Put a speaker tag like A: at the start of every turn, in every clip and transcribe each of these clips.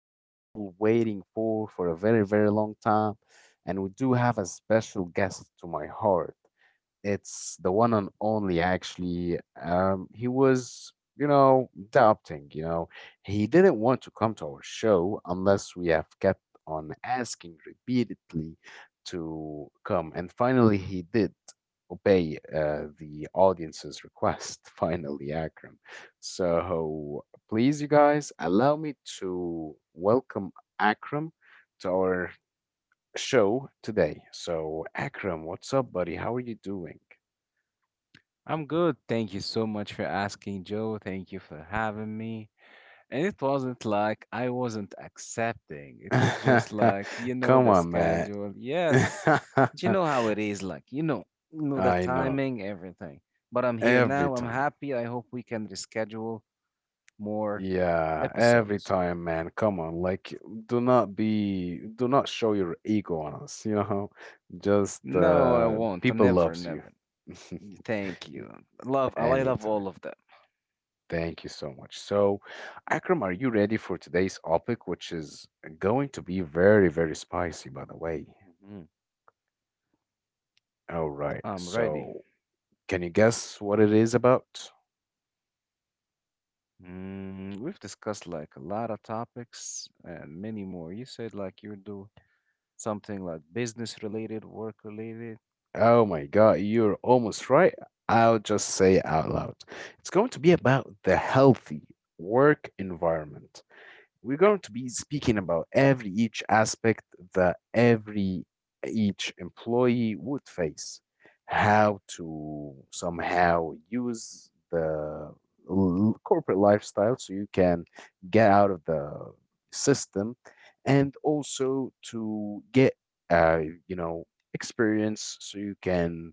A: all waiting for a very, very long time. And we do have a special guest to my heart. It's the one and only, actually. He was doubting. He didn't want to come to our show unless we have kept on asking repeatedly to come. And finally, he did obey the audience's request finally, Akram. So please, you guys, allow me to welcome Akram to our show today. So, Akram, what's up, buddy? How are you doing?
B: I'm good. Thank you so much for asking, Joe. Thank you for having me. And it wasn't like I wasn't accepting. It was just like, you know,
A: Come
B: the
A: on, man.
B: schedule. Yes. But you know how it is, like, you know the
A: I know.
B: timing, everything. But I'm here
A: Every
B: now. I'm
A: time.
B: happy. I hope we can reschedule more
A: Yeah, every
B: episodes.
A: time, man. Come on, like, do not show your ego on us, you know? Just,
B: No, I won't.
A: people
B: Never,
A: loves you.
B: never. Thank
A: Y-
B: you. I love
A: Anytime.
B: all of them.
A: Thank you so much. So, Akram, are you ready for today's topic, which is going to be very, very spicy, by the way?
B: Mhm.
A: All right.
B: I'm ready.
A: So, can you guess what it is about?
B: We've discussed like a lot of topics and many more. You said like you do something like business related, work related.
A: Oh my God, you're almost right. I'll just say it out loud. It's going to be about the healthy work environment. We're going to be speaking about every each aspect that every each employee would face, how to somehow use the corporate lifestyle so you can get out of the system and also to get uh, you know experience so you can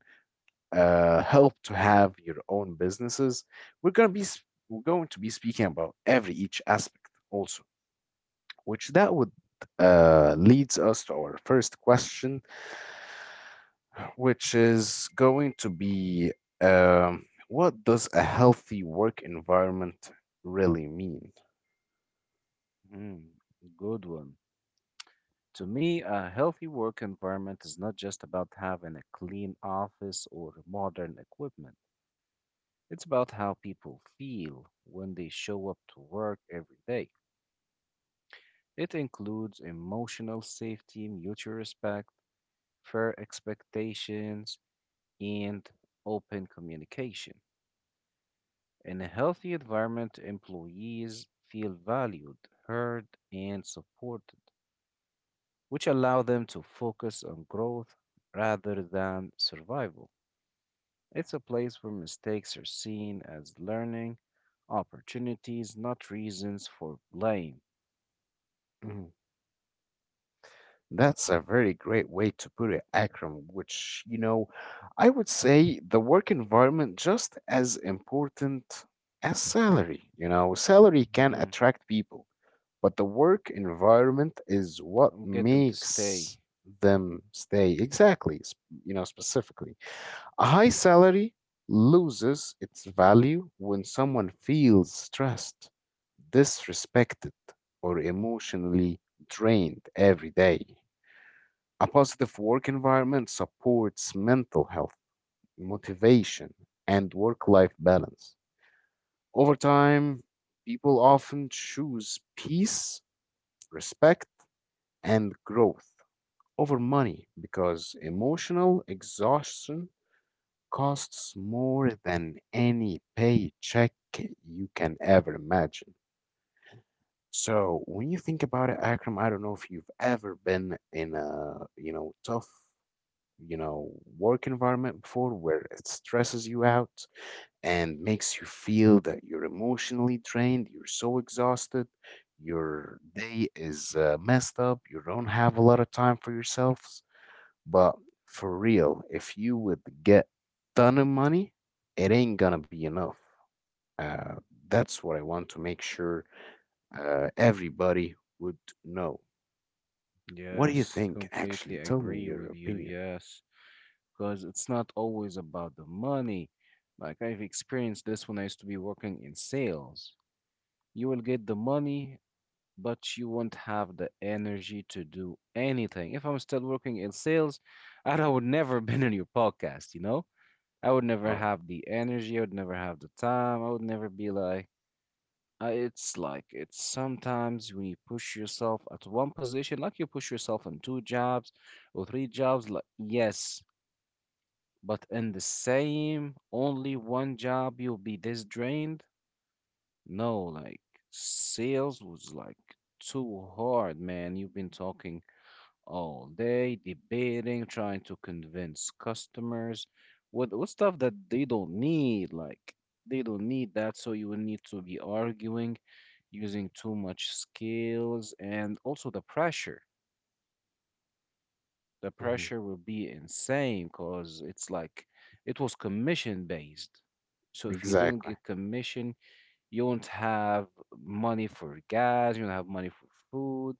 A: help to have your own businesses. We're going to be speaking about every each aspect also. Which that would leads us to our first question, which is going to be what does a healthy work environment really mean?
B: Mm, good one. To me, a healthy work environment is not just about having a clean office or modern equipment. It's about how people feel when they show up to work every day. It includes emotional safety, mutual respect, fair expectations, and open communication. In a healthy environment, employees feel valued, heard, and supported, which allow them to focus on growth rather than survival. It's a place where mistakes are seen as learning opportunities, not reasons for blame.
A: Mm, That's a very great way to put it, Akram, which, I would say the work environment just as important as salary. You know, salary can
B: Hmm.
A: attract people, but the work environment is what
B: Get them to stay.
A: makes them stay exactly. Specifically, a high salary loses its value when someone feels stressed, disrespected, or emotionally drained every day. A positive work environment supports mental health, motivation, and work life balance. Over time, people often choose peace, respect, and growth over money, because emotional exhaustion costs more than any paycheck you can ever imagine. So when you think about it, Akram, I don't know if you've ever been in a, tough, you know, work environment before where it stresses you out and makes you feel that you're emotionally drained, you're so exhausted, your day is messed up, you don't have a lot of time for yourself. But for real, if you would get ton of money, it ain't gonna be enough. Uh, that's what I want to make sure everybody would know. What do you
B: Yes,
A: think?
B: completely
A: Actually, tell me
B: agree with
A: your
B: you.
A: opinion.
B: Yes, because it's not always about the money. Like I've experienced this when I used to be working in sales. You will get the money, but you won't have the energy to do anything. If I'm still working in sales, I would never been on your podcast, you know? I would never
A: Oh,
B: have the energy, I would never have the time, I would never be like it's like it's sometimes when you push yourself at one position, like you push yourself on two jobs or three jobs, like yes, but in the same only one job, you'll be this drained. No, like sales was like too hard, man. You've been talking all day, debating, trying to convince customers with stuff that they don't need. Like they don't need that, so you will need to be arguing, using too much skills, and also the pressure. The
A: hmm,
B: pressure will be insane because it's like it was commission based. So if you don't
A: exactly.
B: get commission, you won't have money for gas, you won't have money for food,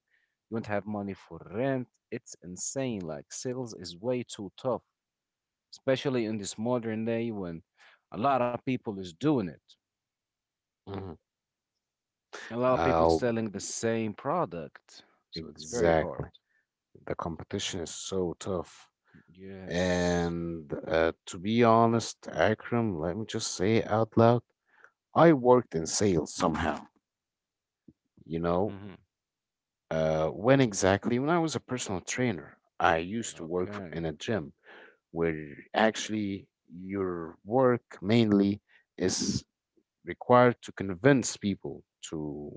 B: you won't have money for rent. It's insane. Like sales is way too tough, especially in this modern day when a lot of people is doing it.
A: Hmm.
B: A lot of people
A: Oh,
B: selling the same product. So it's very hard.
A: exactly. The competition is so tough.
B: Yes.
A: And to be honest, Akram, let me just say it out loud. I worked in sales somehow. you know,
B: Hmm.
A: Uh, when exactly? When I was a personal trainer, I used to work
B: Okay.
A: in a gym where actually your work mainly is required to convince people to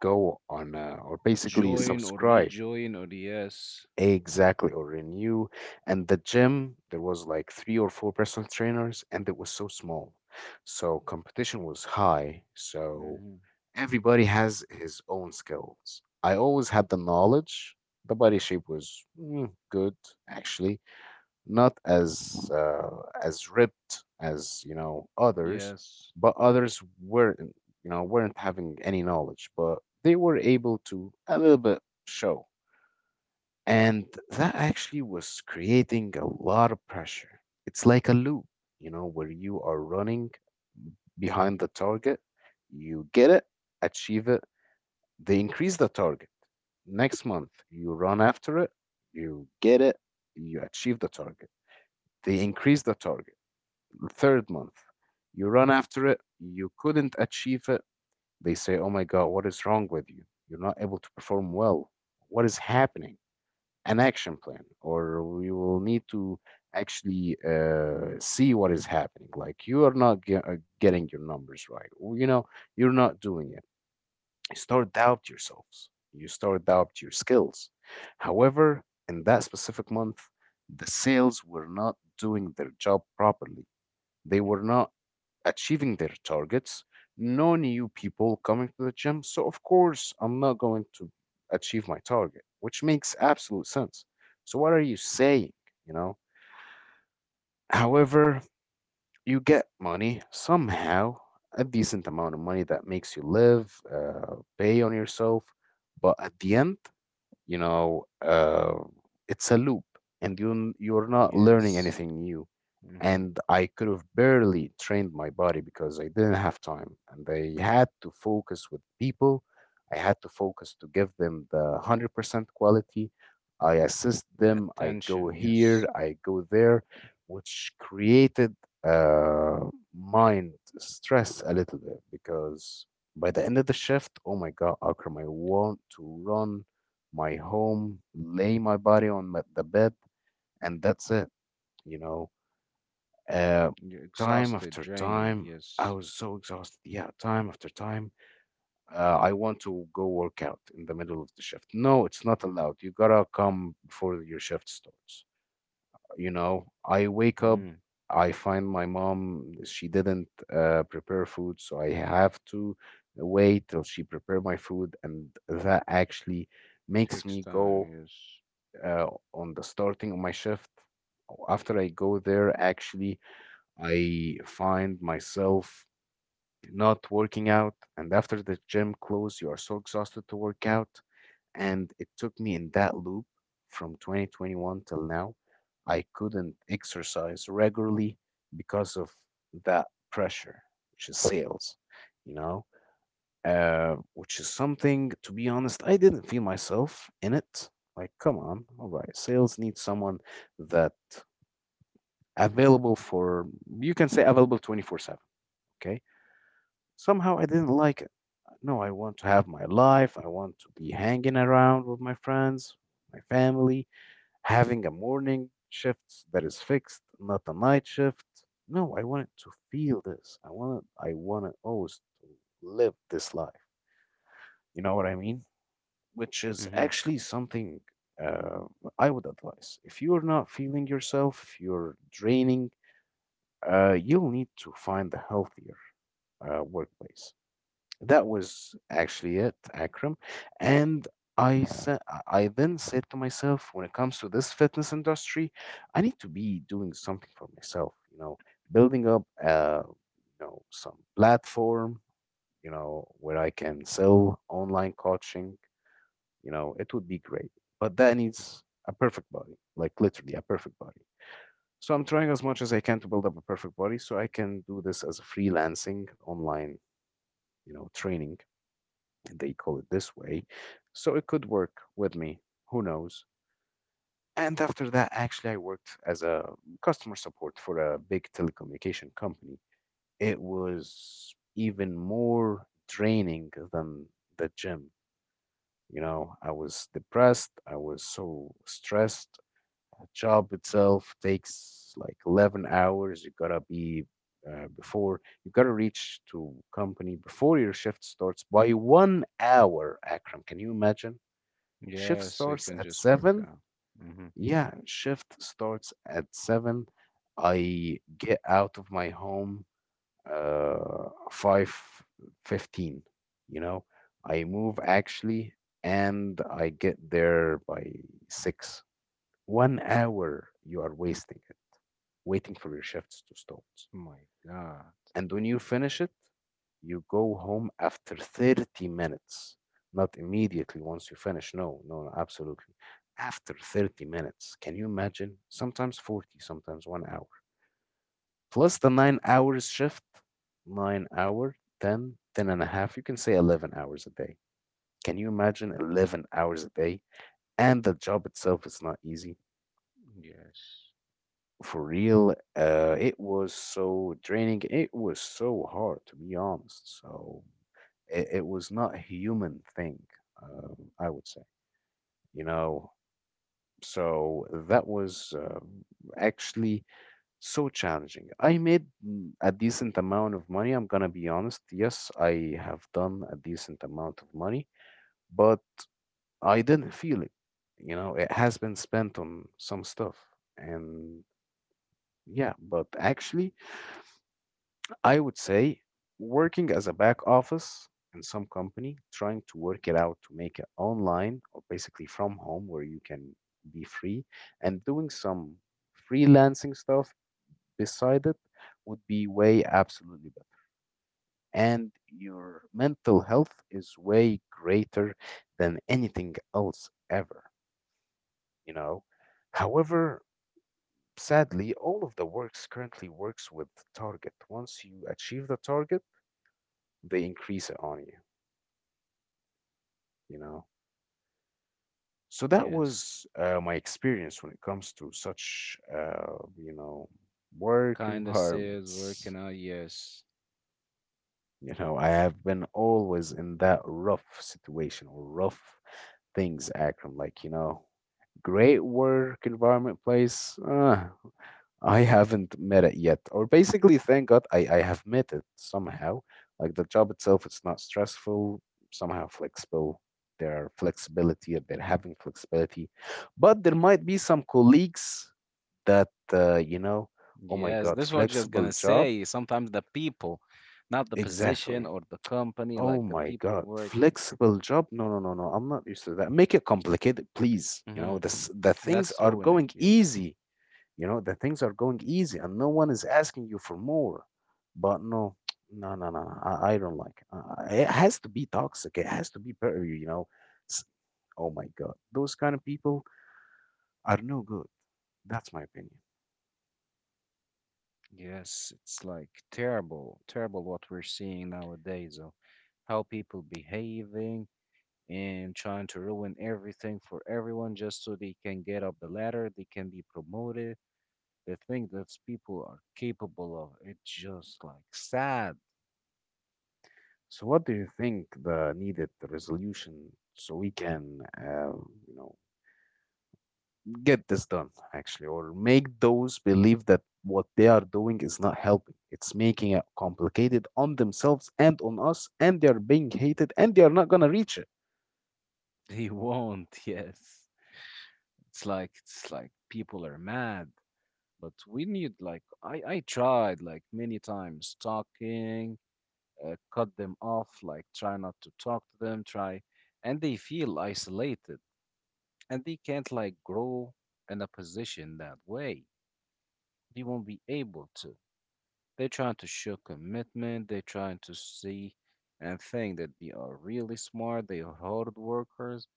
A: go on or basically
B: Join or
A: subscribe.
B: rejoin or yes.
A: Exactly, or renew. And the gym, there was like three or four personal trainers, and it was so small. So competition was high. So
B: Hmm.
A: everybody has his own skills. I always had the knowledge. The body shape was good, actually, not as ripped as others,
B: Yes.
A: but others weren't having any knowledge, but they were able to a little bit show. And that actually was creating a lot of pressure. It's like a loop, where you are running behind the target, you get it, achieve it, they increase the target. Next month, you run after it, you get it, you achieve the target. They increase the target. The third month, you run after it, you couldn't achieve it. They say, Oh my God, what is wrong with you? You're not able to perform well. What is happening? An action plan, or we will need to actually see what is happening. Like, you are not getting your numbers right, or you're not doing it. You start doubt yourselves, you start doubt your skills. However, in that specific month, the sales were not doing their job properly, they were not achieving their targets. No new people coming to the gym. So, of course, I'm not going to achieve my target, which makes absolute sense. So, what are you saying? You know, however, you get money somehow, a decent amount of money that makes you live, pay on yourself. But at the end, you know, uh, it's a loop, and you're not learning
B: Yes.
A: anything new,
B: Hmm.
A: and I could have barely trained my body because I didn't have time. And I had to focus with people. I had to focus to give them the 100% quality. I assist
B: The
A: them. I go
B: attention. Yes.
A: here. I go there, which created uh, mind stress a little bit because by the end of the shift, oh my God, Akram, I want to run my home, lay my body on the bed, and that's it. You know, uh,
B: You're
A: time
B: exhausted,
A: after
B: drained.
A: time, I
B: Yes.
A: was so exhausted. Yeah, time after time, I want to go work out in the middle of the shift. No, it's not allowed. You gotta come before your shift starts. I wake up,
B: Mm-hmm. It
A: I find my mom, she didn't prepare food, so I have to wait till she prepare my food, and that actually makes
B: takes
A: me go
B: time. Yes.
A: uh, on the starting of my shift. After I go there, actually, I find myself not working out, and after the gym close, you are so exhausted to work out. And it took me in that loop from 2021 till now. I couldn't exercise regularly because of that pressure, which is sales, you know, which is something, to be honest, I didn't feel myself in it. Like, come on, all right, sales needs someone that available for, you can say available 24/7, okay? Somehow I didn't like it. No, I want to have my life. I want to be hanging around with my friends, my family, having a morning shift that is fixed, not a night shift. No, I want to feel this. I want to always to live this life. You know what I mean? Which is
B: Mm-hmm.
A: actually something uh, I would advise. If you're not feeling yourself, if you're draining, you'll need to find a healthier workplace. That was actually it, Akram. And I sa- I then said to myself, when it comes to this fitness industry, I need to be doing something for myself. Building up, some platform. Where I can sell online coaching. It would be great, but that needs a perfect body, like literally a perfect body. So I'm trying as much as I can to build up a perfect body, so I can do this as a freelancing online, training they call it this way. So it could work with me. Who knows? And after that, actually, I worked as a customer support for a big telecommunication company. It was even more draining than the gym. I was depressed. I was so stressed. The job itself takes like 11 hours. You gotta be before you gotta reach to company before your shift starts by 1 hour. Akram, can you imagine? Shift
B: Yes, we can
A: starts at
B: just work
A: 7.
B: out. Mm-hmm.
A: Yeah, shift starts at 7. I get out of my home 5:15. you know. I move actually and I get there by 6. 1 hour, you are wasting it waiting for your shifts to start.
B: My God.
A: And when you finish it, you go home after 30 minutes. Not immediately once you finish. No, no, no, absolutely. After 30 minutes. Can you imagine? Sometimes 40, sometimes 1 hour. Plus the 9 hours shift, 9 hour, 10, 10 and a half. You can say 11 hours a day. Can you imagine 11 hours a day? And the job itself is not easy.
B: Yes.
A: For real, it was so draining. It was so hard, to be honest. So it was not a human thing, I would say, you know. So that was actually so challenging. I made a decent amount of money. I'm gonna be honest. Yes, I have done a decent amount of money, but I didn't feel it. It has been spent on some stuff, and yeah, but actually I would say working as a back office in some company, trying to work it out to make it online or basically from home where you can be free and doing some freelancing stuff beside it would be way absolutely better. And your mental health is way greater than anything else ever, you know? However, sadly, all of the works currently works with target. Once you achieve the target, they increase it on you. You know So that
B: Yes.
A: was my experience when it comes to such work
B: Kinda says
A: environments.
B: working out. Yes.
A: I have been always in that rough situation or rough things, Akram, great work environment place. I haven't met it yet, or basically, thank God I have met it somehow. Like the job itself, it's not stressful, somehow flexible. Their flexibility, they're having flexibility, but there might be some colleagues that uh, you know, oh
B: Yes.
A: my
B: This
A: God,
B: was just gonna
A: flexible job,
B: say sometimes the people, not the
A: exactly.
B: position or the company,
A: Oh
B: like the
A: my
B: people
A: God,
B: working.
A: flexible job? No, no, no, no. I'm not used to that. Make it complicated, please.
B: Mm-hmm.
A: The things
B: Let's
A: are
B: ruin it.
A: going
B: Yes.
A: easy, the things are going easy and no one is asking you for more. But no, no, no, no, no, I don't like it. It has to be toxic. It has to be better, you know. S- Oh my God. Those kind of people are no good. That's my opinion.
B: Yes, it's like terrible, terrible what we're seeing nowadays of how people behaving and trying to ruin everything for everyone just so they can get up the ladder, they can be promoted. The thing that people are capable of, it's just like sad.
A: So, what do you think the needed resolution so we can, you know, get this done actually, or make those believe that what they are doing is not helping, it's making it complicated on themselves and on us, and they are being hated and they are not going to reach it?
B: They won't, yes. It's like people are mad. But we need like I tried like many times talking, cut them off, like try not to talk to them, try, and they feel isolated and they can't like grow in a position that way. They won't be able to. They're trying to show commitment, they're trying to see and think that they are really smart, they are hard workers.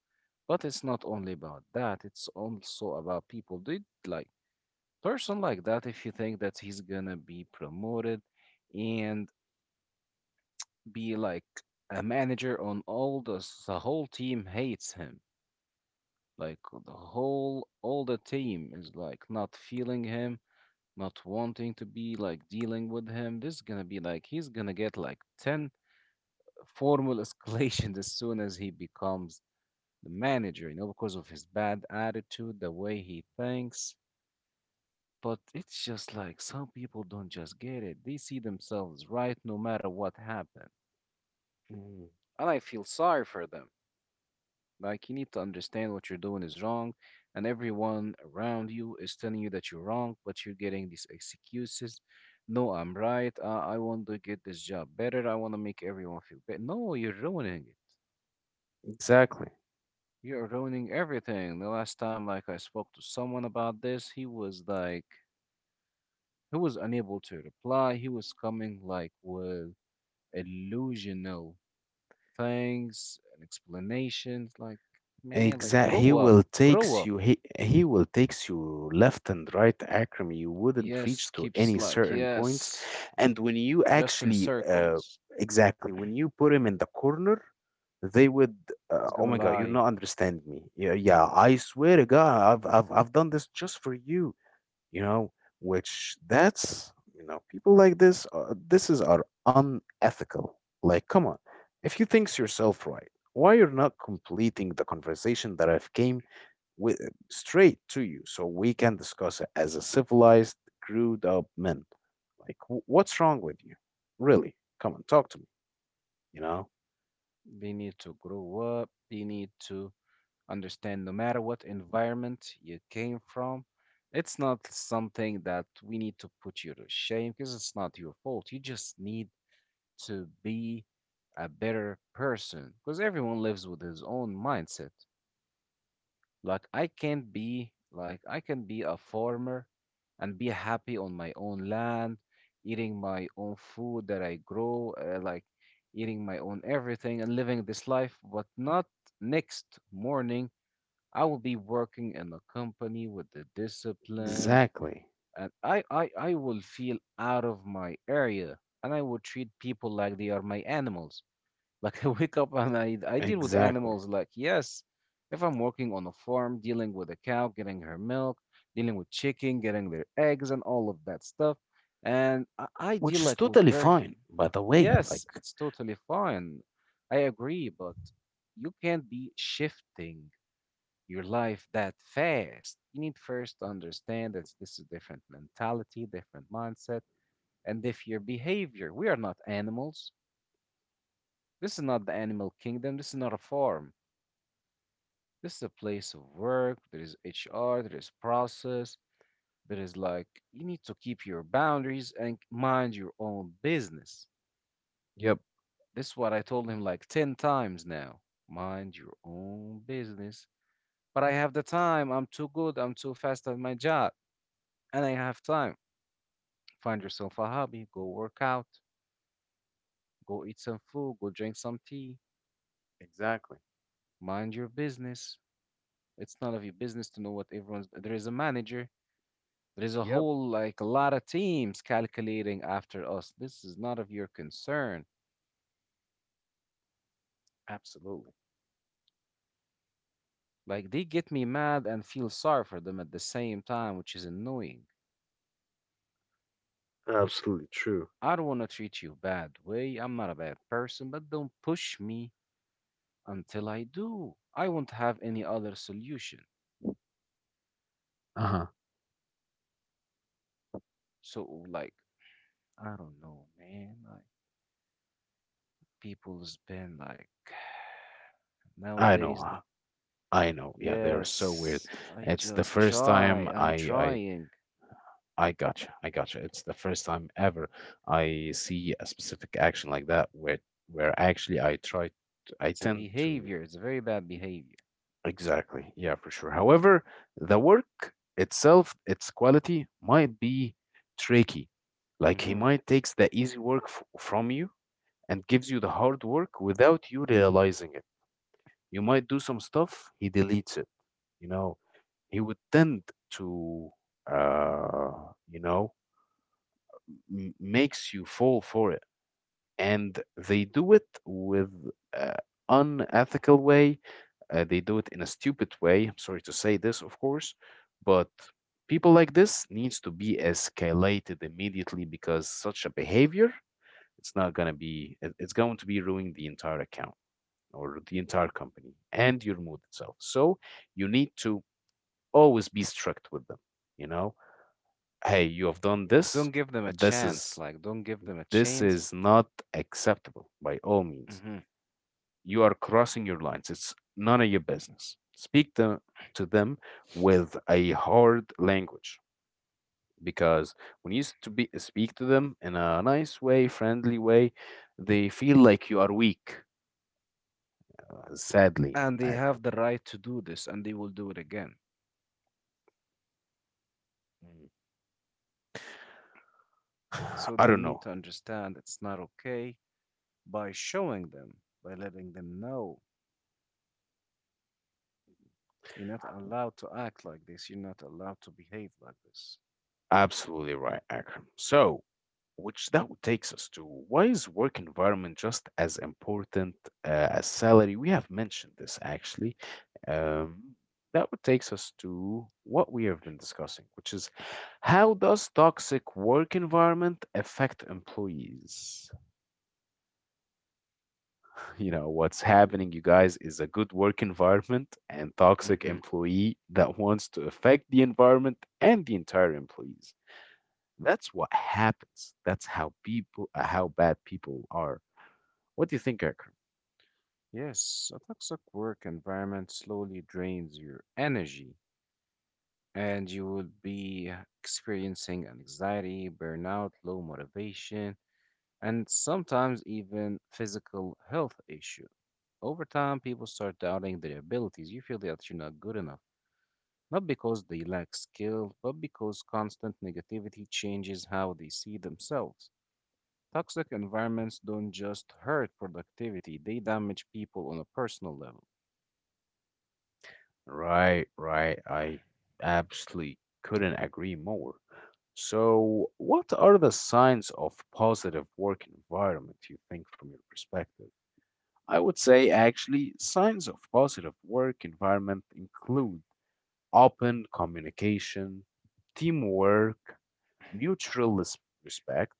B: But it's not only about that, it's also about people. They like person like that, if you think that he's gonna be promoted and be like a manager on all the whole team hates him. Like the whole all the team is like not feeling him, not wanting to be like dealing with him. This is gonna be like he's gonna get like 10 formal escalations as soon as he becomes the manager, you know, because of his bad attitude, the way he thinks. But it's just like some people don't just get it. They see themselves right no matter what happened.
A: Mm.
B: And I feel sorry for them. Like, you need to understand what you're doing is wrong, and everyone around you is telling you that you're wrong, but you're getting these excuses. No, I'm right. I want to get this job better. I want to make everyone feel better. No, you're ruining it.
A: Exactly.
B: You're ruining everything. The last time, like, I spoke to someone about this, he was like, he was unable to reply. He was coming, like, with illusional things and explanations. Like, man, like,
A: exact He
B: grow up,
A: will
B: grow up.
A: takes you, he will takes you left and right, Akram. You wouldn't
B: Yes,
A: reach to
B: keeps
A: any
B: like,
A: certain points.
B: yes,
A: And when you
B: just in
A: actually
B: circles.
A: exactly when you put him in the corner, they would,
B: It's gonna
A: oh my God, you're
B: lie.
A: not understand me. Yeah, yeah, I swear to God, I've done this just for you, you know. Which that's, you know, people like this, this is are unethical. Like come on, if you think yourself right, why you're not completing the conversation that I've came with straight to you, so we can discuss it as a civilized screwed up men? Like what's wrong with you, really? Come on, talk to me, you know.
B: They need to grow up. They need to understand no matter what environment you came from. It's not something that we need to put you to shame because it's not your fault. You just need to be a better person because everyone lives with his own mindset. Like, I can't be, like, I can be a farmer and be happy on my own land, eating my own food that I grow, like eating my own everything and living this life. But not next morning, I will be working in a company with the discipline,
A: Exactly.
B: and I will feel out of my area, and I will treat people like they are my animals. Like I wake up and I deal with
A: Exactly.
B: animals. Like yes, if I'm working on a farm, dealing with a cow, getting her milk, dealing with chicken, getting their eggs, and all of that stuff, and I deal
A: Which is
B: like with
A: totally
B: very
A: fine, by the way. Like,
B: yes, it's totally fine. I agree, but you can't be shifting your life that fast. You need first to understand that this is different mentality, different mindset, and if your behavior. We are not animals. This is not the animal kingdom. This is not a farm. This is a place of work. There is HR, there is process. There is like, you need to keep your boundaries and mind your own business.
A: yep.
B: This is what I told him like 10 times now. Mind your own business. But I have the time. I'm too good. I'm too fast at my job. And I have time. Find yourself a hobby. Go work out. Go eat some food. Go drink some tea.
A: Exactly.
B: Mind your business. It's none of your business to know what everyone's. There is a manager. There's a
A: Yep.
B: whole, like, a lot of teams calculating after us. This is not of your concern.
A: Absolutely.
B: Like, they get me mad and feel sorry for them at the same time, which is annoying.
A: Absolutely true.
B: I don't want to treat you bad way. I'm not a bad person, but don't push me until I do. I won't have any other solution.
A: Uh-huh.
B: So, like, I don't know, man. Like, people's been like,
A: I know.
B: nowadays, the-
A: I know. Yeah, they're so weird.
B: yes, I
A: It's the
B: just
A: first time
B: try. I'm
A: I
B: trying.
A: I gotcha. I gotcha. It's the first time ever I see a specific action like that where actually I try I
B: It's a
A: tend to
B: behavior. It's a very bad behavior.
A: exactly. Yeah, for sure. However, the work itself, its quality might be tricky. Like he
B: Hmm.
A: might takes the easy work from you and gives you the hard work without you realizing it. You might do some stuff, he deletes it. You know, he would tend to, uh, you know, makes you fall for it. And they do it with uh, unethical way. They do it in a stupid way. I'm sorry to say this, of course, but people like this needs to be escalated immediately, because such a behavior, it's not going to be it's going to be ruining the entire account or the entire company and your mood itself. So you need to always be strict with them. You know, hey, you have done this.
B: Don't give them a
A: This
B: chance.
A: is
B: Like, don't give them a
A: this
B: chance.
A: is not acceptable by all means.
B: Hmm.
A: You are crossing your lines. It's none of your business. Speak to them with a hard language, because when you speak to them in a nice way, friendly way, they feel like you are weak. Sadly,
B: And they
A: Akram.
B: have the right to do this, and they will do it again.
A: Mm.
B: So
A: I
B: they
A: don't
B: need
A: know.
B: to understand it's not okay by showing them, by letting them know you're not allowed to act like this. You're not allowed to behave like this.
A: Absolutely right, Akram. So, which that takes us to why is work environment just as important as salary? We have mentioned this actually. Um, that would takes us to what we have been discussing, which is how does toxic work environment affect employees? You know, what's happening, you guys, is a good work environment and toxic
B: Hmm.
A: employee that wants to affect the environment and the entire employees. That's what happens. That's how people, how bad people are. What do you think, Akram?
B: Yes, a toxic work environment slowly drains your energy, and you will be experiencing anxiety, burnout, low motivation and sometimes even physical health issue. Over time, people start doubting their abilities. You feel that you're not good enough, not because they lack skill, but because constant negativity changes how they see themselves. Toxic environments don't just hurt productivity, they damage people on a personal level.
A: Right, right. I absolutely couldn't agree more. So, what are the signs of positive work environment you think from your perspective? I would say actually signs of positive work environment include open communication, teamwork, mutual res- respect,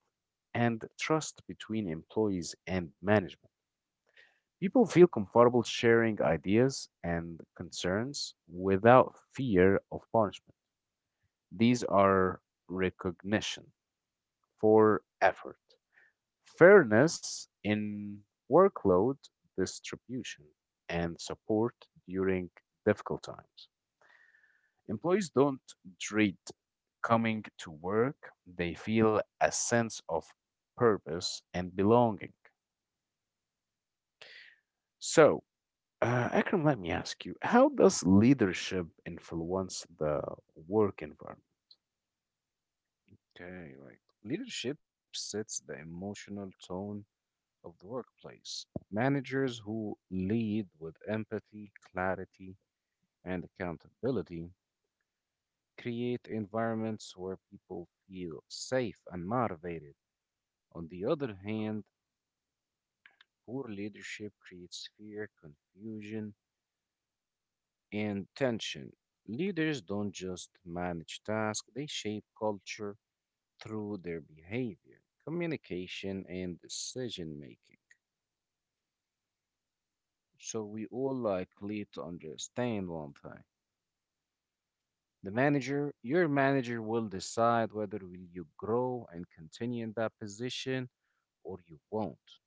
A: and trust between employees and management. People feel comfortable sharing ideas and concerns without fear of punishment. These are recognition for effort, fairness in workload distribution, and support during difficult times. Employees don't dread coming to work, they feel a sense of purpose and belonging. So, Akram, let me ask you, how does leadership influence the work environment?
B: Okay, right. Leadership sets the emotional tone of the workplace. Managers who lead with empathy, clarity, and accountability create environments where people feel safe and motivated. On the other hand, poor leadership creates fear, confusion, and tension. Leaders don't just manage tasks, they shape culture through their behavior, communication, and decision making. So we all likely to understand one thing. The manager, your manager will decide whether will you grow and continue in that position or you won't.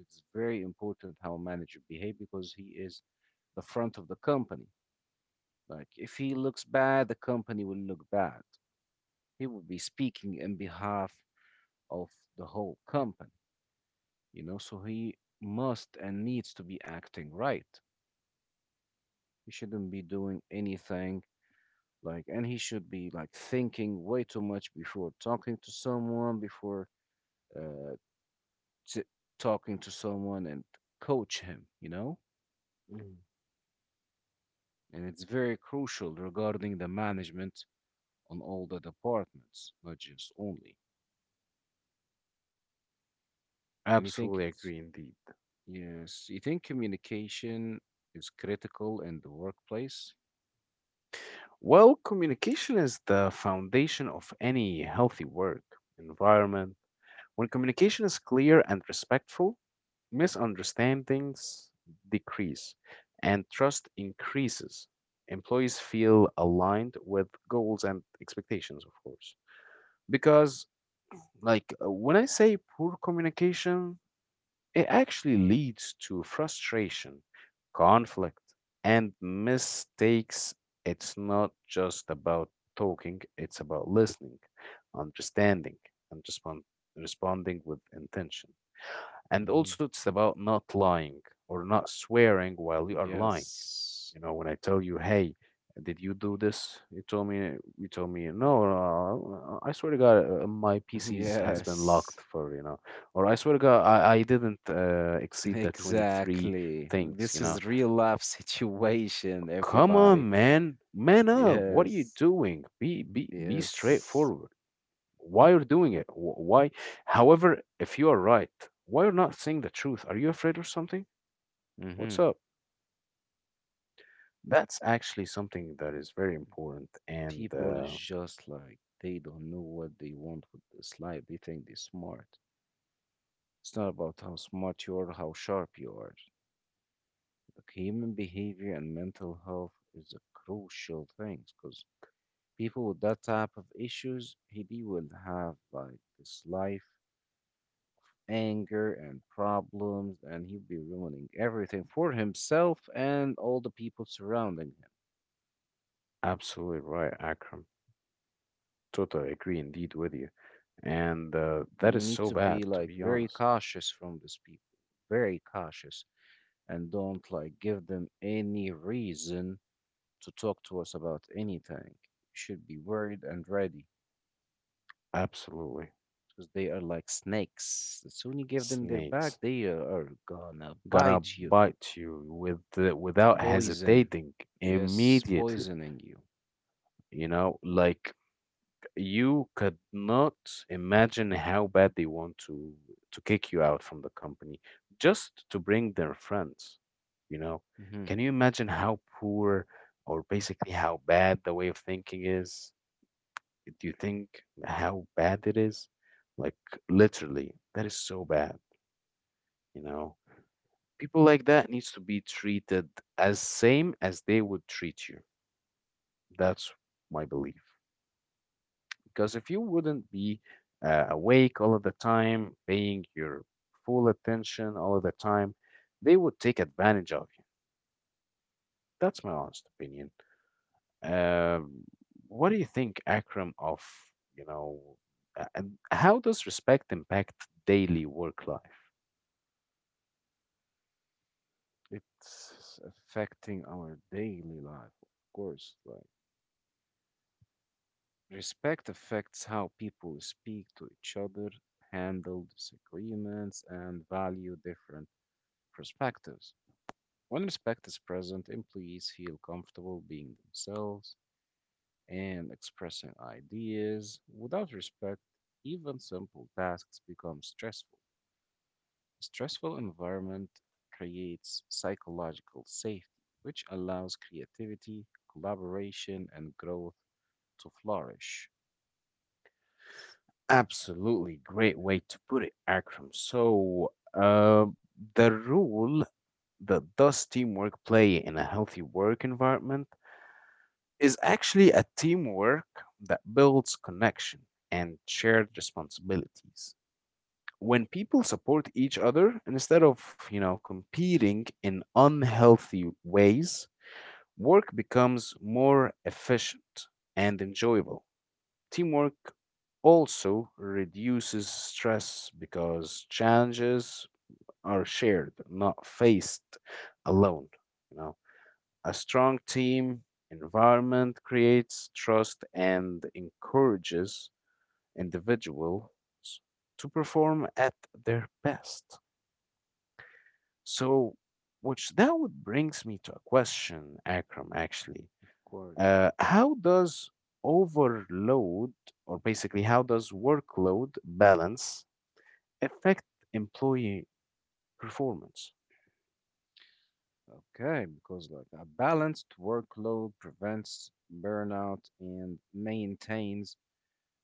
B: It's very important how a manager behave because he is the front of the company. Like if he looks bad, the company will look bad. He will be speaking in behalf of the whole company, you know, so he must and needs to be acting right. He shouldn't be doing anything like and he should be like thinking way too much before talking to someone, before uh t- talking to someone and coach him, you know?
A: Mm.
B: And it's very crucial regarding the management on all the departments, not just only. And you think
A: Absolutely
B: it's,
A: agree indeed.
B: yes, you think communication is critical in the workplace?
A: Well, communication is the foundation of any healthy work environment. When communication is clear and respectful, misunderstandings decrease and trust increases. Employees feel aligned with goals and expectations, of course. Because, when I say poor communication, it actually leads to frustration, conflict, and mistakes. It's not just about talking, it's about listening, understanding, and responding with intention. And
B: Hmm.
A: also, it's about not lying or not swearing while you are lying.
B: Yes.
A: You know, when I tell you, hey, did you do this? You told me, no, I swear to God, my PC's has been
B: Yes.
A: locked for, you know, or I swear to God, I didn't exceed the 23
B: Exactly.
A: things,
B: This
A: you know.
B: is real life situation,
A: Come
B: everybody.
A: on, man, man up. What are you
B: Yes.
A: doing? Be
B: Yes.
A: straightforward. Why you're doing it? Why? However, if you are right, why you're not saying the truth? Are you afraid of something?
B: Hmm.
A: What's up? That's actually something that is very important, and
B: People is just like they don't know what they want with this life. They think they're smart. It's not about how smart you are, how sharp you are. Like, human behavior and mental health is a crucial thing because people with that type of issues, he they will have like this life anger and problems, and he'll be ruining everything for himself and all the people surrounding him.
A: absolutely right, Akram. Totally agree indeed with you. And that
B: You
A: is
B: need
A: so
B: to be
A: bad, to
B: like
A: be
B: very
A: honest.
B: cautious from these people, very cautious, and don't like give them any reason to talk to us about anything. You should be worried and ready,
A: Absolutely.
B: because they are like snakes. The sooner you give them their back,
A: Snakes
B: they are gonna
A: gonna
B: bite you.
A: bite you with the, without
B: Poison.
A: hesitating
B: Yes,
A: immediately.
B: poisoning you.
A: You know, like you could not imagine how bad they want to kick you out from the company just to bring their friends. You know,
B: hmm
A: can you imagine how poor or basically how bad the way of thinking is? Do you think how bad it is? Like literally, that is so bad, you know. People like that needs to be treated as same as they would treat you. That's my belief. Because if you wouldn't be awake all of the time, paying your full attention all of the time, they would take advantage of you. That's my honest opinion. Um, what do you think, Akram, of, you know, and how does respect impact daily work life?
B: It's affecting our daily life, of course. Like, respect affects how people speak to each other, handle disagreements, and value different perspectives. When respect is present, employees feel comfortable being themselves and expressing ideas. Without respect, even simple tasks become stressful. A stressful environment creates psychological safety, which allows creativity, collaboration, and growth to flourish.
A: Absolutely great way to put it, Akram. So, the role that does teamwork play in a healthy work environment is actually a teamwork that builds connection and shared responsibilities. When people support each other instead of, you know, competing in unhealthy ways, work becomes more efficient and enjoyable. Teamwork also reduces stress because challenges are shared, not faced alone. You know, a strong team environment creates trust and encourages individuals to perform at their best. So, which that would brings me to a question, Akram, actually.
B: Of course.
A: How does overload, or basically, how does workload balance affect employee performance?
B: Okay, because like a balanced workload prevents burnout and maintains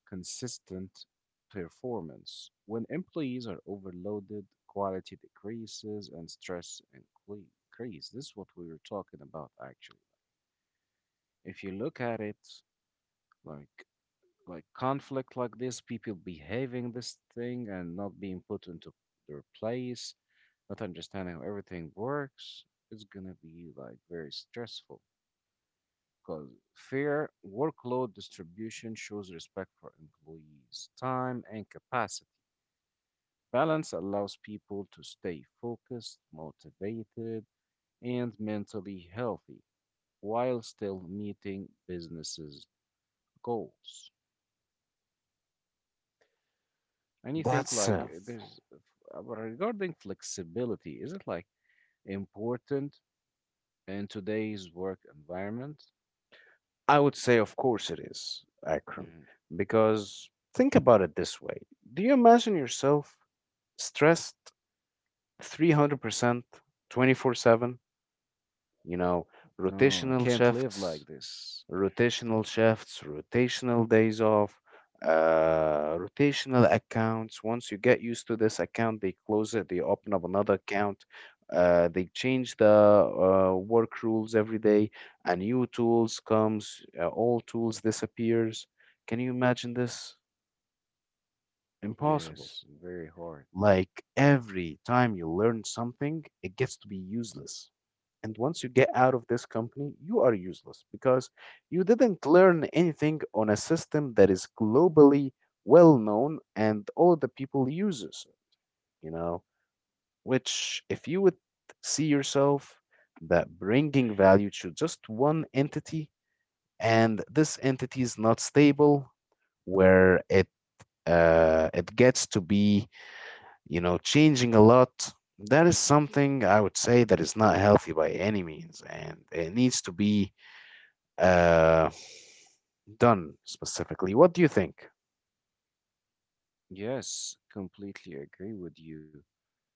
B: consistent performance. When employees are overloaded, quality decreases and stress increase. This is what we were talking about actually. If you look at it like like conflict like this, people behaving this thing and not being put into their place, not understanding how everything works, it's gonna be like very stressful. Because fair workload distribution shows respect for employees' time and capacity. Balance allows people to stay focused, motivated, and mentally healthy while still meeting businesses' goals. And you think
A: That's,
B: like there's regarding flexibility, is it like important in today's work environment?
A: I would say, of course it is, Akram,
B: Mhm.
A: because think about it this way. Do you imagine yourself stressed 300%, 24/7, you know,
B: No, I
A: rotational
B: can't live
A: shifts,
B: like this.
A: rotational shifts, rotational days off, rotational accounts. Once you get used to this account, they close it, they open up another account. They change the work rules every day. A new tools comes, all tools disappears. Can you imagine this? Impossible.
B: Yes, very hard.
A: Like every time you learn something, it gets to be useless. And once you get out of this company, you are useless because you didn't learn anything on a system that is globally well known and all of the people uses it, you know, which if you would see yourself that bringing value to just one entity, and this entity is not stable, where it it gets to be, you know, changing a lot, that is something I would say that is not healthy by any means, and it needs to be Uh, done specifically. What do you think?
B: Yes, completely agree with you,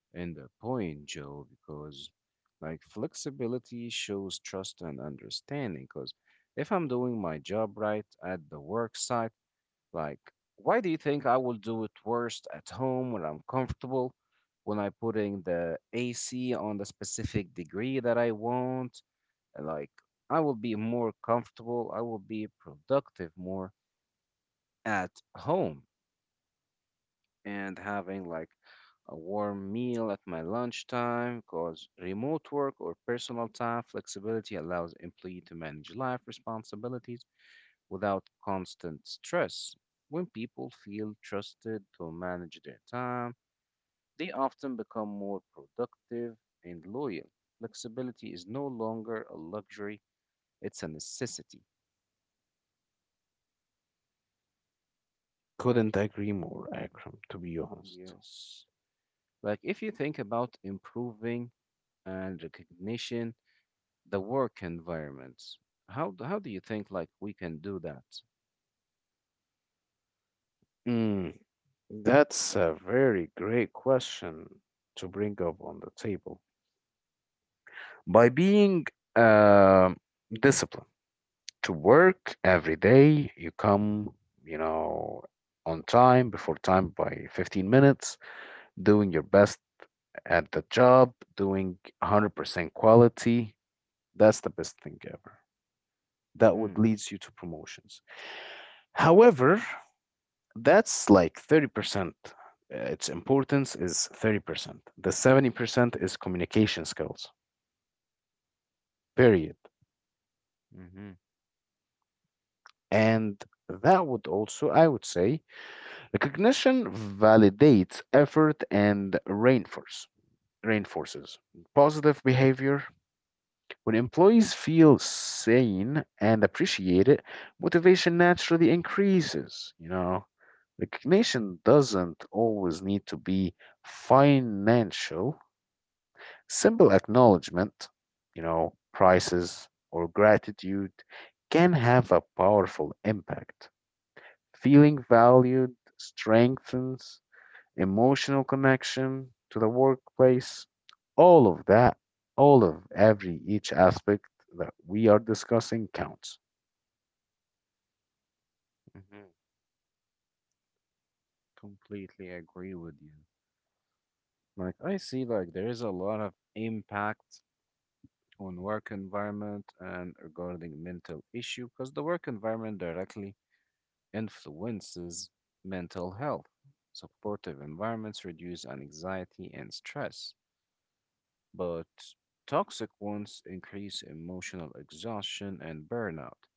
B: in the point, Joe, because like flexibility shows trust and understanding. Because if I'm doing my job right at the work site, like, why do you think I will do it worst at home when I'm comfortable, when I'm putting the AC on the specific degree that I want? Like, I will be more comfortable, I will be productive more at home and having like a warm meal at my lunchtime, because remote work or personal time flexibility allows employee to manage life responsibilities without constant stress. When people feel trusted to manage their time, they often become more productive and loyal. Flexibility is no longer a luxury, it's a necessity.
A: Couldn't agree more, Akram, to be honest.
B: Yes. Like, if you think about improving and recognition the work environment. How do you think like we can do that?
A: Mm, that's a very great question to bring up on the table. By being um disciplined to work every day, you come, you know, on time, before time by 15 minutes, doing your best at the job, doing 100% quality. That's the best thing ever. That would
B: Mm-hmm,
A: leads you to promotions. However, that's like 30%. Its importance is 30%. The 70% is communication skills, period.
B: mm-hmm,
A: And that would also, I would say, recognition validates effort and reinforces positive behavior. When employees feel seen and appreciate it, motivation naturally increases, you know. Recognition doesn't always need to be financial. Simple acknowledgement, you know, prices or gratitude can have a powerful impact. Feeling valued strengthens emotional connection to the workplace. All of that, all of every each aspect that we are discussing counts.
B: mm-hmm. Completely agree with you. Like, I see like there is a lot of impact on work environment and regarding mental issue, because the work environment directly influences mental health. Supportive environments reduce anxiety and stress, but toxic ones increase emotional exhaustion and burnout.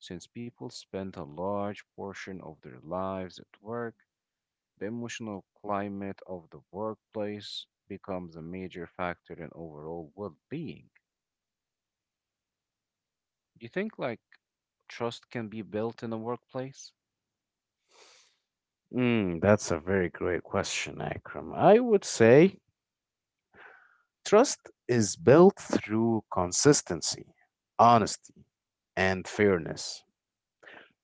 B: Since people spend a large portion of their lives at work, the emotional climate of the workplace becomes a major factor in overall well being. Do you think like trust can be built in a workplace?
A: That's a very great question, Akram. I would say trust is built through consistency, honesty, and fairness.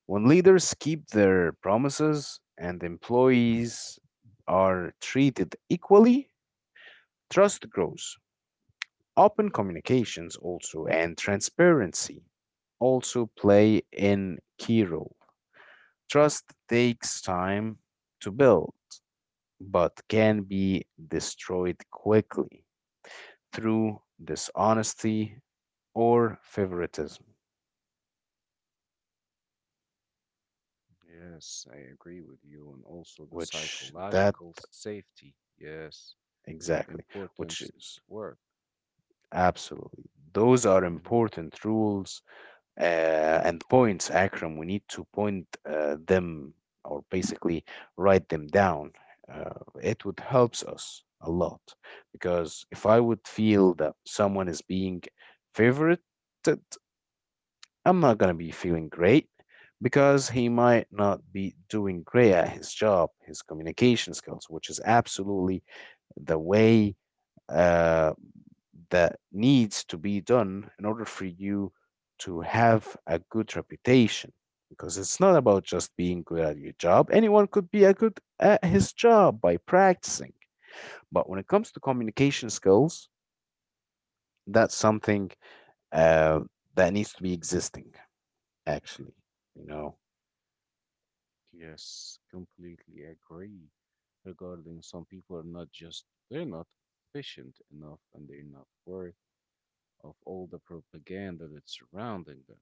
A: When leaders keep their promises and employees are treated equally, trust grows. Open communications also and transparency also play an key role. Trust takes time to build, but can be destroyed quickly through dishonesty or favoritism,
B: Yes, I agree with you, and also the
A: which that
B: psychological safety. Yes,
A: exactly,
B: importance
A: which
B: at
A: is
B: work.
A: absolutely. Those are
B: hmm
A: important rules uh, and points, Akram. We need to point them or basically write them down. Uh, it would helps us a lot because if I would feel that someone is being favorited, I'm not gonna be feeling great because he might not be doing great at his job, his communication skills, which is absolutely the way uh, that needs to be done in order for you to have a good reputation because it's not about just being good at your job. Anyone could be a good at his job by practicing, but when it comes to communication skills, that's something uh, that needs to be existing actually, you know.
B: Yes, completely agree. Regarding some people are not just, they're not efficient enough and they're not worth of all the propaganda that's surrounding them.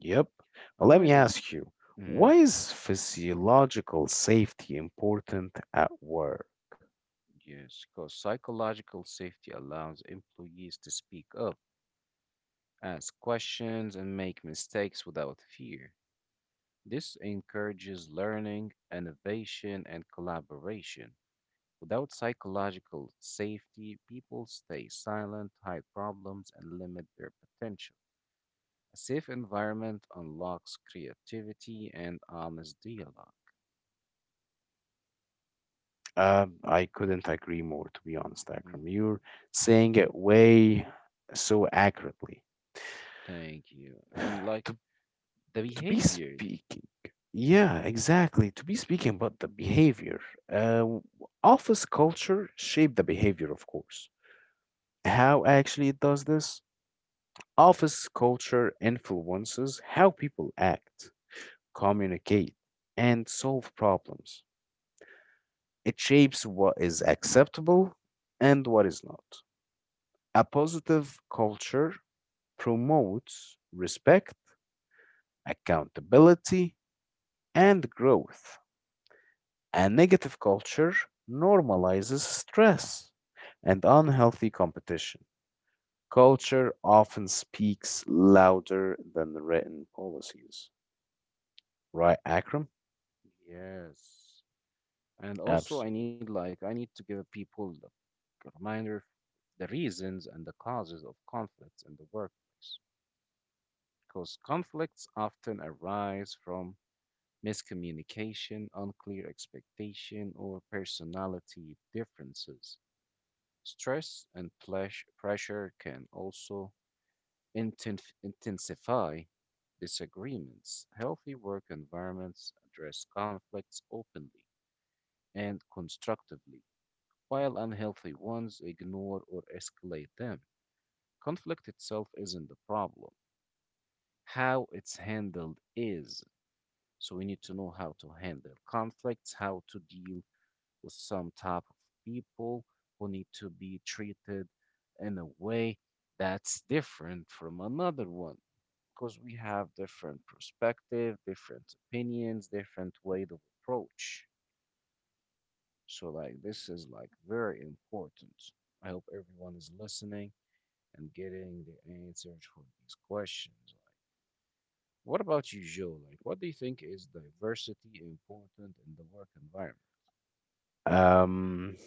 A: Yep. Well,
B: And
A: let
B: why
A: me
B: they,
A: ask you,
B: hmm
A: why is physiological safety important at work?
B: yes, because psychological safety allows employees to speak up, ask questions, and make mistakes without fear. This encourages learning, innovation, and collaboration. Without psychological safety, people stay silent, hide problems, and limit their potential. A safe environment unlocks creativity and honest dialog.
A: I couldn't agree more, to be honest,
B: Mhm.
A: Akram. You're saying it way so accurately.
B: Thank you. And like
A: To,
B: the
A: to be
B: behavior.
A: speaking, yeah, exactly. To be speaking about the behavior, uh, office culture shape the behavior, of course. How actually it does this? Office culture influences how people act, communicate, and solve problems. It shapes what is acceptable and what is not. A positive culture promotes respect, accountability, and growth. A negative culture normalizes stress and unhealthy competition. Culture often speaks louder than the written policies. Right, Akram?
B: Yes, and also I
A: Absolutely.
B: need like I need to give people a reminder of the reasons and the causes of conflicts in the workplace, because conflicts often arise from miscommunication, unclear expectation, or personality differences. Stress and pressure can also intensify disagreements. Healthy work environments address conflicts openly and constructively, while unhealthy ones ignore or escalate them. Conflict itself isn't the problem, how it's handled is. So we need to know how to handle conflicts, how to deal with some type of people who need to be treated in a way that's different from another one, because we have different perspective, different opinions, different way of approach. So like this is like very important. I hope everyone is listening and getting their answers for these questions. Like, what about you, Joe? Like, what do you think, is diversity important in the work environment?
A: Um,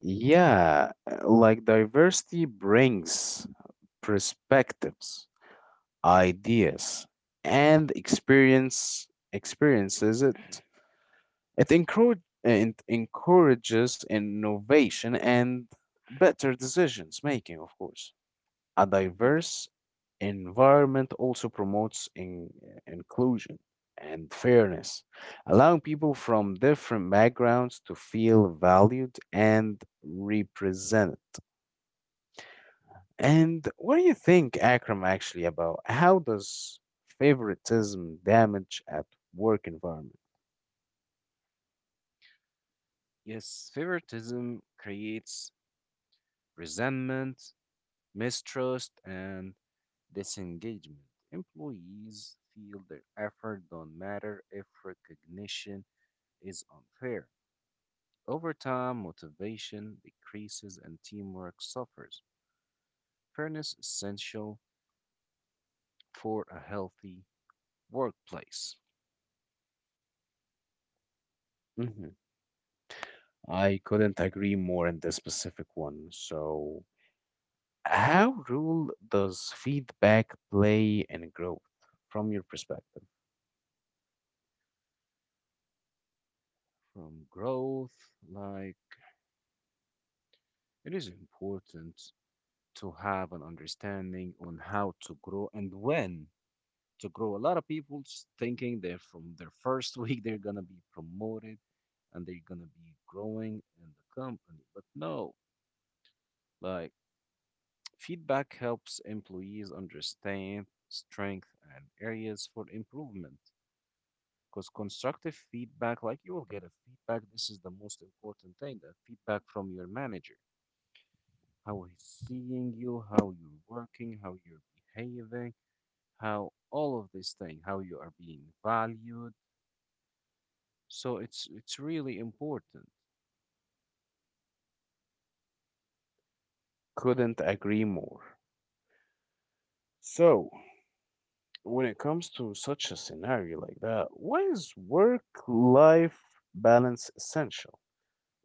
A: yeah, like diversity brings perspectives, ideas, and experiences it encourages innovation and better decisions making, of course. A
B: hmm
A: diverse environment also promotes inclusion and fairness, allowing people from different backgrounds to feel valued and represented. And what do you think, Akram, actually, about how does favoritism damage at work environment?
B: Yes, favoritism creates resentment, mistrust, and disengagement. Employees feel their effort don't matter if recognition is unfair. Over time, motivation decreases and teamwork suffers. Fairness is essential for a healthy workplace.
A: Mhm. I couldn't agree more in this specific one. So, how role does feedback play in growth from your perspective?
B: From growth, like, it is important to have an understanding on how to grow and when to grow. A lot of thinking they're from their first week they're gonna be promoted and they're gonna be growing in the company, but no, like, feedback helps employees understand strength and areas for improvement. Because constructive feedback, like you will get a feedback, this is the most important thing, the feedback from your manager. How he's seeing you, how you're working, how you're behaving, how all of this thing, how you are being valued. So it's really important.
A: Couldn't agree more. So, when it comes to such a scenario like that, why is work-life balance essential?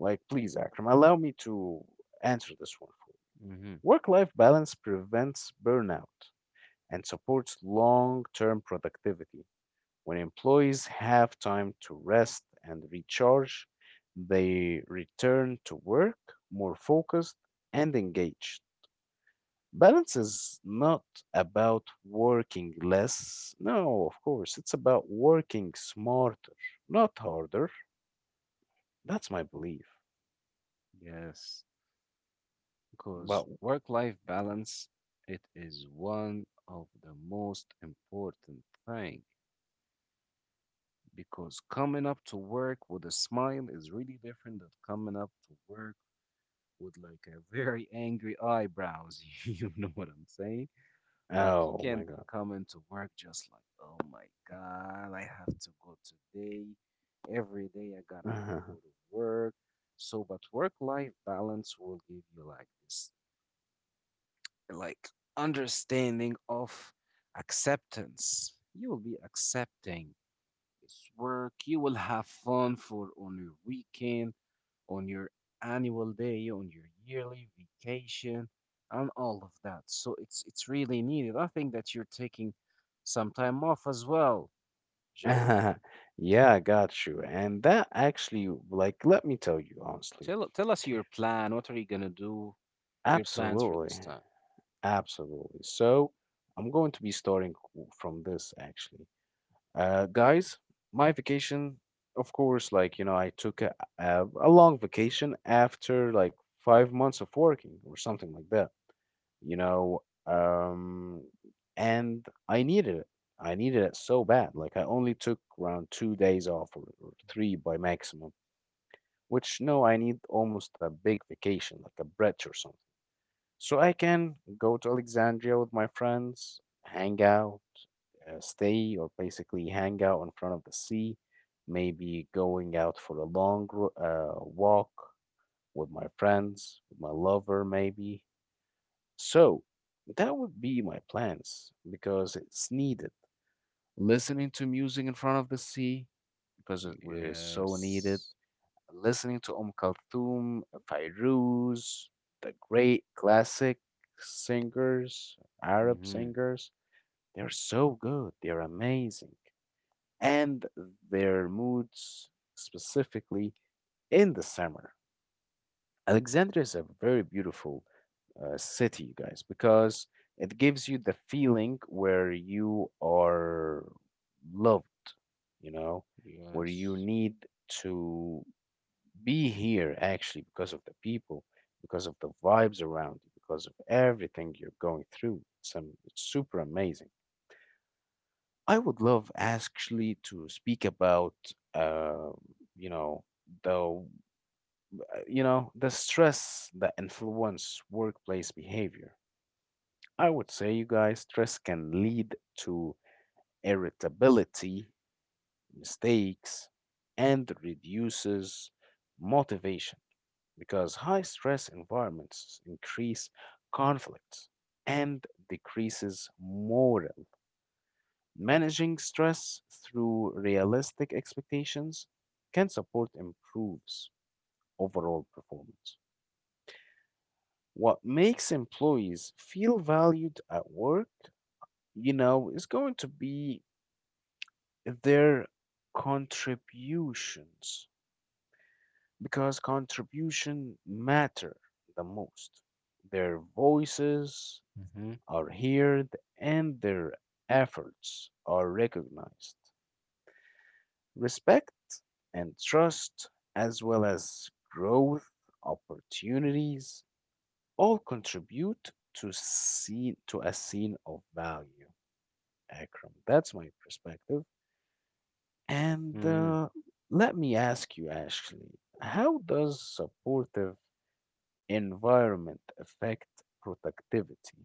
A: Like, please, Akram, allow me to answer this one for you.
B: hmm
A: Work life balance prevents burnout and supports long term productivity. When employees have time to rest and recharge, they return to work more focused and engaged. Balance is not about working less. No, of course, it's about working smarter, not harder. That's my belief.
B: Yes, because
A: But
B: work-life balance, it is one of the most important thing, because coming up to work with a smile is really different than coming up to work with like a very angry eyebrows. You know what I'm saying? Like you
A: oh my
B: can't be coming to work just like, oh my God, I have to go today. Every day I gotta do, go
A: god.
B: to work. So, but work-life balance will give you like this, like understanding of acceptance. You will be accepting this work. You will have fun for on your weekend, on your annual day, on your yearly vacation, and all of that. So it's really needed. I think that you're taking some time off as well, Joe.
A: Yeah, I got you. And that actually, like, let me tell you honestly.
B: Tell us your plan. What are you gonna do? Your plans for
A: Absolutely.
B: this time.
A: Absolutely. So I'm going to be starting from this actually. Guys, my vacation, of course, like, you know, I took a long vacation after like 5 months of working or something like that, you know, and I needed it. I needed it so bad. Like, I only took around 2 days off or three by maximum, which no, I need almost a big vacation, like a bridge or something. So I can go to Alexandria with my friends, hang out, stay, or basically hang out in front of the sea, maybe going out for a long walk with my friends, with my lover, maybe. So that would be my plans because it's needed. Listening to music in front of the sea because it was so needed,
B: Yes.
A: listening to Kulthum, Fairuz, the great classic singers, Arab
B: Mm-hmm.
A: singers. They're so good. They're amazing. And their moods, specifically in the summer. Alexandria is a very beautiful city, you guys, because it gives you the feeling where you are loved, you know, where you
B: Yes.
A: need to be here actually, because of the people, because of the vibes around you, because of everything you're going through. It's super amazing. I would love actually to speak about, uh, you know, the you know, the stress that influence workplace behavior. I would say, you guys, stress can lead to irritability, mistakes, and reduces motivation because high stress environments increase conflict and decreases morale. Managing stress through realistic expectations can support improves overall performance. What makes employees feel valued at work, you know, is going to be their contributions because contribution matter the most. Their voices
B: Mm-hmm.
A: are heard and their efforts are recognized. Respect and trust, as well as growth opportunities, all contribute to see to a scene of value. Akram, that's my perspective. And
B: Mm-hmm.
A: let me ask you, Ashley, how does supportive environment affect productivity?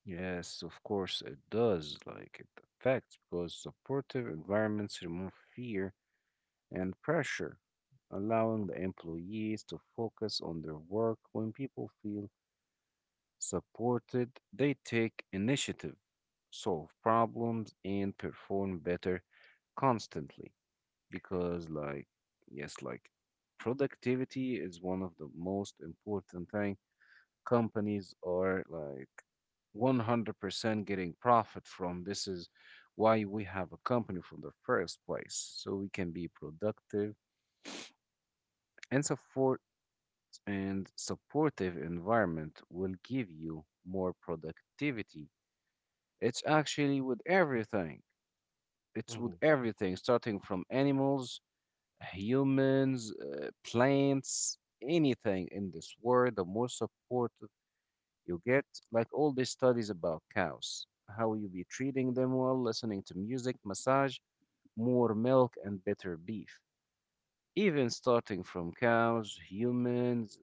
B: Yes, of course it does. Like, it affects because supportive environments remove fear and pressure, allowing the employees to focus on their work. When people feel supported, they take initiative, solve problems, and perform better constantly. Because, like, yes, like productivity is one of the most important thing companies are like 100% getting profit from. This is why we have a company from the first place, so we can be productive and support and supportive environment will give you more productivity. It's actually with everything. It's with
A: Mhm.
B: everything, starting from animals, humans, plants, anything in this world. The more support you get, like all these studies about cows, how you be treating them well, listening to music, massage, more milk, and better beef. Even starting from cows, humans,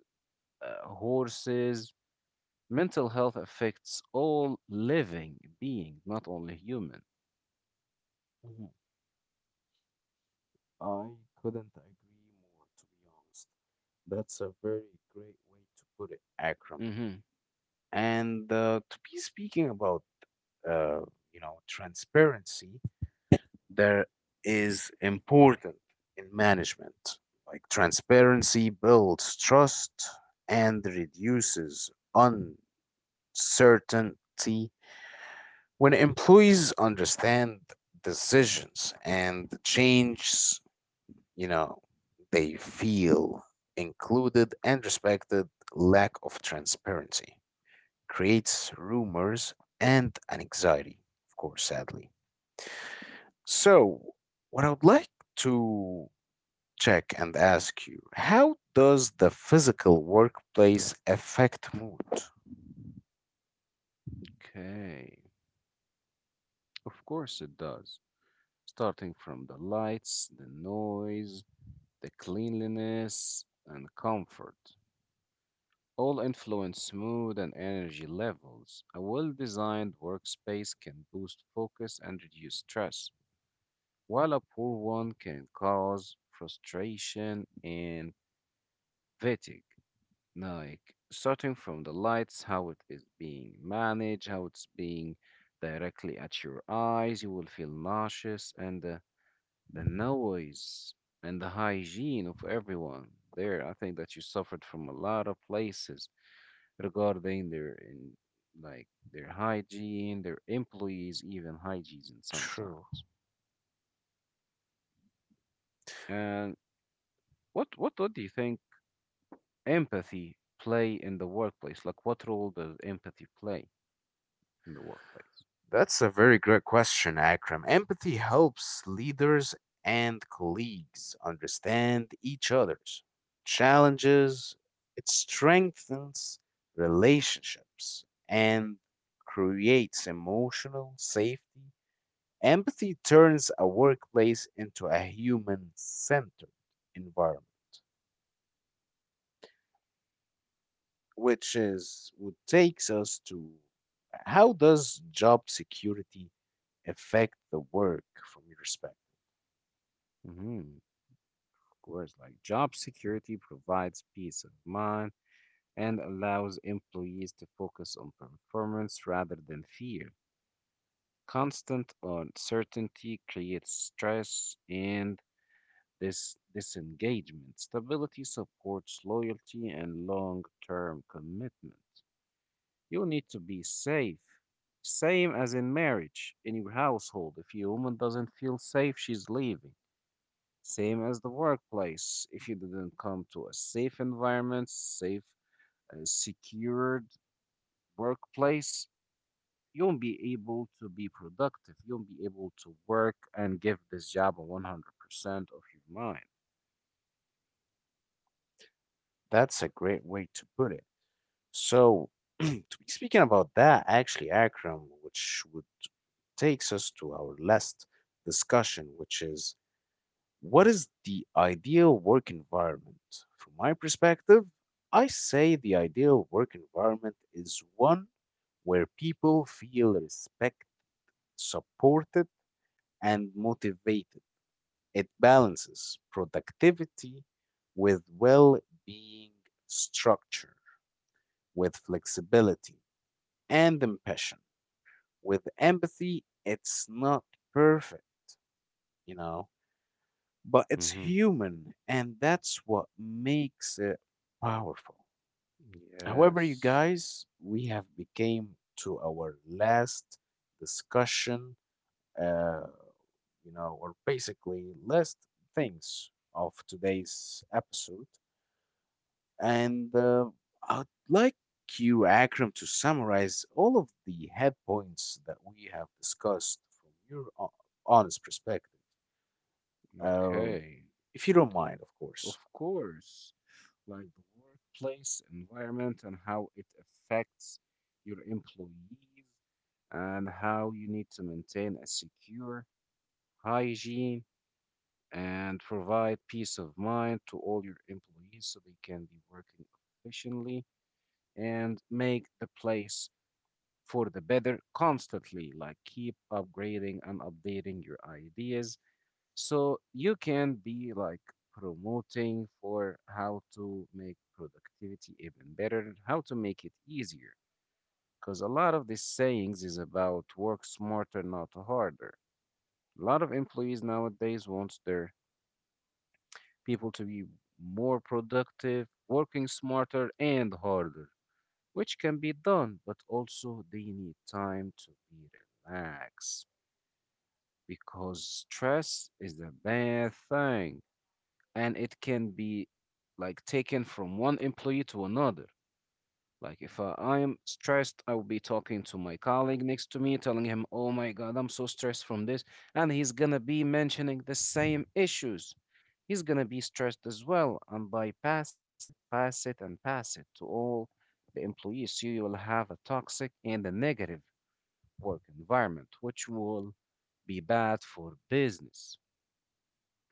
B: horses, mental health affects all living being, not only human.
A: Mhm. I couldn't agree more, to be honest. That's a very great way to put it, Akram.
B: hmm
A: And to be speaking about, uh, you know, transparency, there is important in management. Like transparency builds trust and reduces uncertainty when employees understand decisions and changes, you know, they feel included and respected. Lack of transparency creates rumors and an anxiety, of course, sadly. So, what I would like to check and ask you, how does the physical workplace affect mood?
B: Okay. Of course it does. Starting from the lights, the noise, the cleanliness, and comfort. All influence mood and energy levels. A well designed workspace can boost focus and reduce stress, while a poor one can cause frustration and fatigue. Like, starting from the lights, how it is being managed, how it's being directly at your eyes, you will feel nauseous, and the noise and the hygiene of everyone there. I think that you suffered from a lot of places regarding their in like their hygiene, their employees, even hygiene
A: True.
B: sometimes. And what do you think empathy play in the workplace? Like, what role does empathy play in the workplace?
A: That's a very great question, Akram. Empathy helps leaders and colleagues understand each other's challenges, it strengthens relationships, and creates emotional safety. Empathy turns a workplace into a human centered environment, which is what takes us to how does job security affect the work from your perspective?
B: hmm Course, like job security provides peace of mind and allows employees to focus on performance rather than fear. Constant uncertainty creates stress and this disengagement. Stability supports loyalty and long-term commitment. You need to be safe. Same as in marriage, in your household. If your woman doesn't feel safe, she's leaving. Same as the workplace. If you didn't come to a safe environment, safe, secured workplace, you won't be able to be productive. You won't be able to work and give this job a 100% of your mind.
A: That's a great way to put it. So, to be speaking about that, actually, Akram, which would takes us to our last discussion, which is, what is the ideal work environment? From my perspective, I say the ideal work environment is one where people feel respected, supported, and motivated. It balances productivity with well being, structure with flexibility, and ambition. With empathy, it's not perfect, you know, but it's
B: Mm-hmm.
A: human, and that's what makes it powerful. However, you
B: Yes.
A: guys, we have became to our last discussion, uh, you know, or basically last things of today's episode, and I'd like you, Akram, to summarize all of the head points that we have discussed from your honest perspective, uh,
B: Okay.
A: if you don't mind, of
B: Of
A: course.
B: course. Like the workplace environment and how it affects your employees and how you need to maintain a secure hygiene and provide peace of mind to all your employees so they can be working efficiently and make the place for the better constantly. Like keep upgrading and updating your ideas so you can be like promoting for how to make productivity even better, how to make it easier. Because a lot of these sayings is about work smarter, not harder. A lot of employees nowadays wants their people to be more productive, working smarter and harder, which can be done, but also they need time to be relaxed, because stress is a bad thing and it can be like taken from one employee to another. Like if I am stressed, I will be talking to my colleague next to me, telling him, "Oh my God, I'm so stressed from this," and he's gonna be mentioning the same issues. He's gonna be stressed as well, and by pass it, and pass it to all the employees. So you will have a toxic and a negative work environment, which will be bad for business.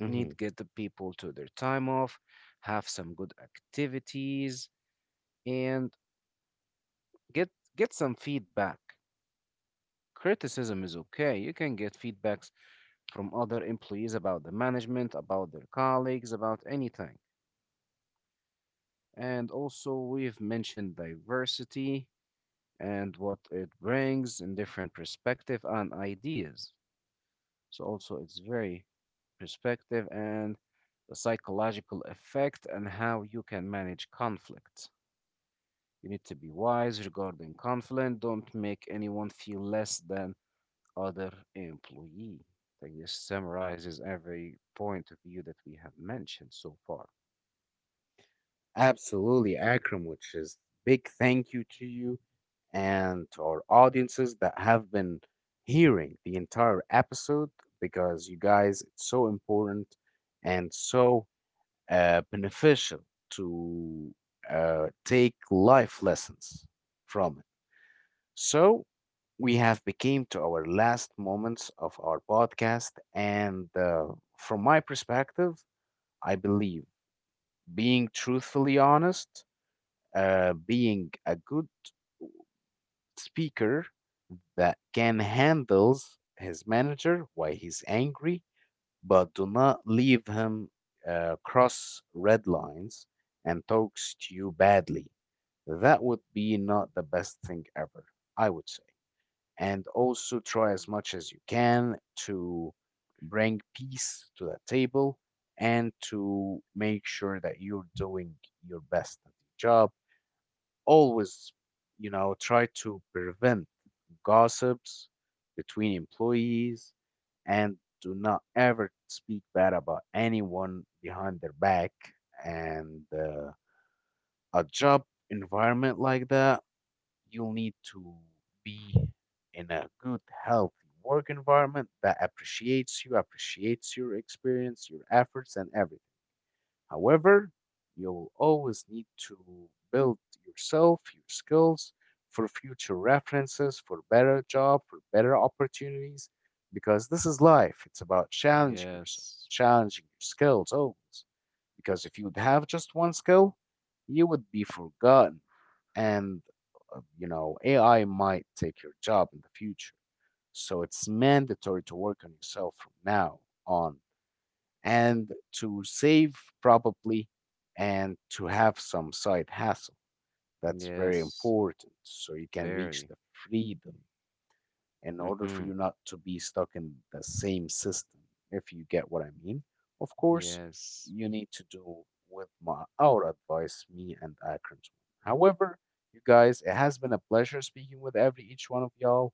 B: Need to get the people to their time off, have some good activities, and get get some feedback. Criticism is okay. You can get feedbacks from other employees about the management, about their colleagues, about anything. And also, we've mentioned diversity and what it brings in different perspective and ideas. So also, it's very perspective and the psychological effect and how you can manage conflict. You need to be wise regarding conflict. Don't make anyone feel less than other employee. Like this summarizes every point of view that we have mentioned so far.
A: Absolutely, Akram, which is big thank you to you and to our audiences that have been hearing the entire episode because you guys, it's so important and so beneficial to take life lessons from it. So we have became to our last moments of our podcast, and from my perspective, I believe being truthfully honest, being a good speaker that can handles his manager while he's angry, but do not leave him cross red lines and talks to you badly. That would be not the best thing ever, I would say. And also try as much as you can to bring peace to the table and to make sure that you're doing your best at your job always, you know, try to prevent gossips between employees and do not ever speak bad about anyone behind their back. And a job environment like that, you'll need to be in a good, healthy work environment that appreciates you, appreciates your experience, your efforts, and everything. However, you'll always need to build yourself, your skills for future references, for better job, for better opportunities, because this is life. It's about challenging yourself,
B: Yes.
A: challenging your skills always. Because if you'd have just one skill, you would be forgotten. And, you know, AI might take your job in the future. So it's mandatory to work on yourself from now on and to save probably and to have some side hustle. That's very
B: Yes,
A: important so you can
B: very.
A: reach the freedom in order
B: Mm-hmm.
A: for you not to be stuck in the same system, if you get what I mean. Of course,
B: Yes.
A: you need to do with my our advice, me and Akram's one. However, you guys, it has been a pleasure speaking with every each one of y'all,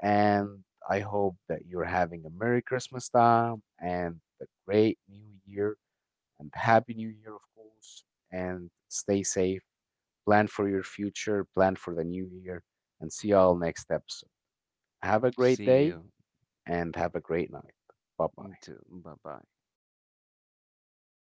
A: and I hope that you're having a Merry Christmas time and a great New Year and happy new year, of course, and stay safe, plan for your future, plan for the new year, and see y'all next episode. Have a
B: See
A: great
B: you.
A: day and have a great night. Bye
B: Me
A: bye.
B: too. Bye bye.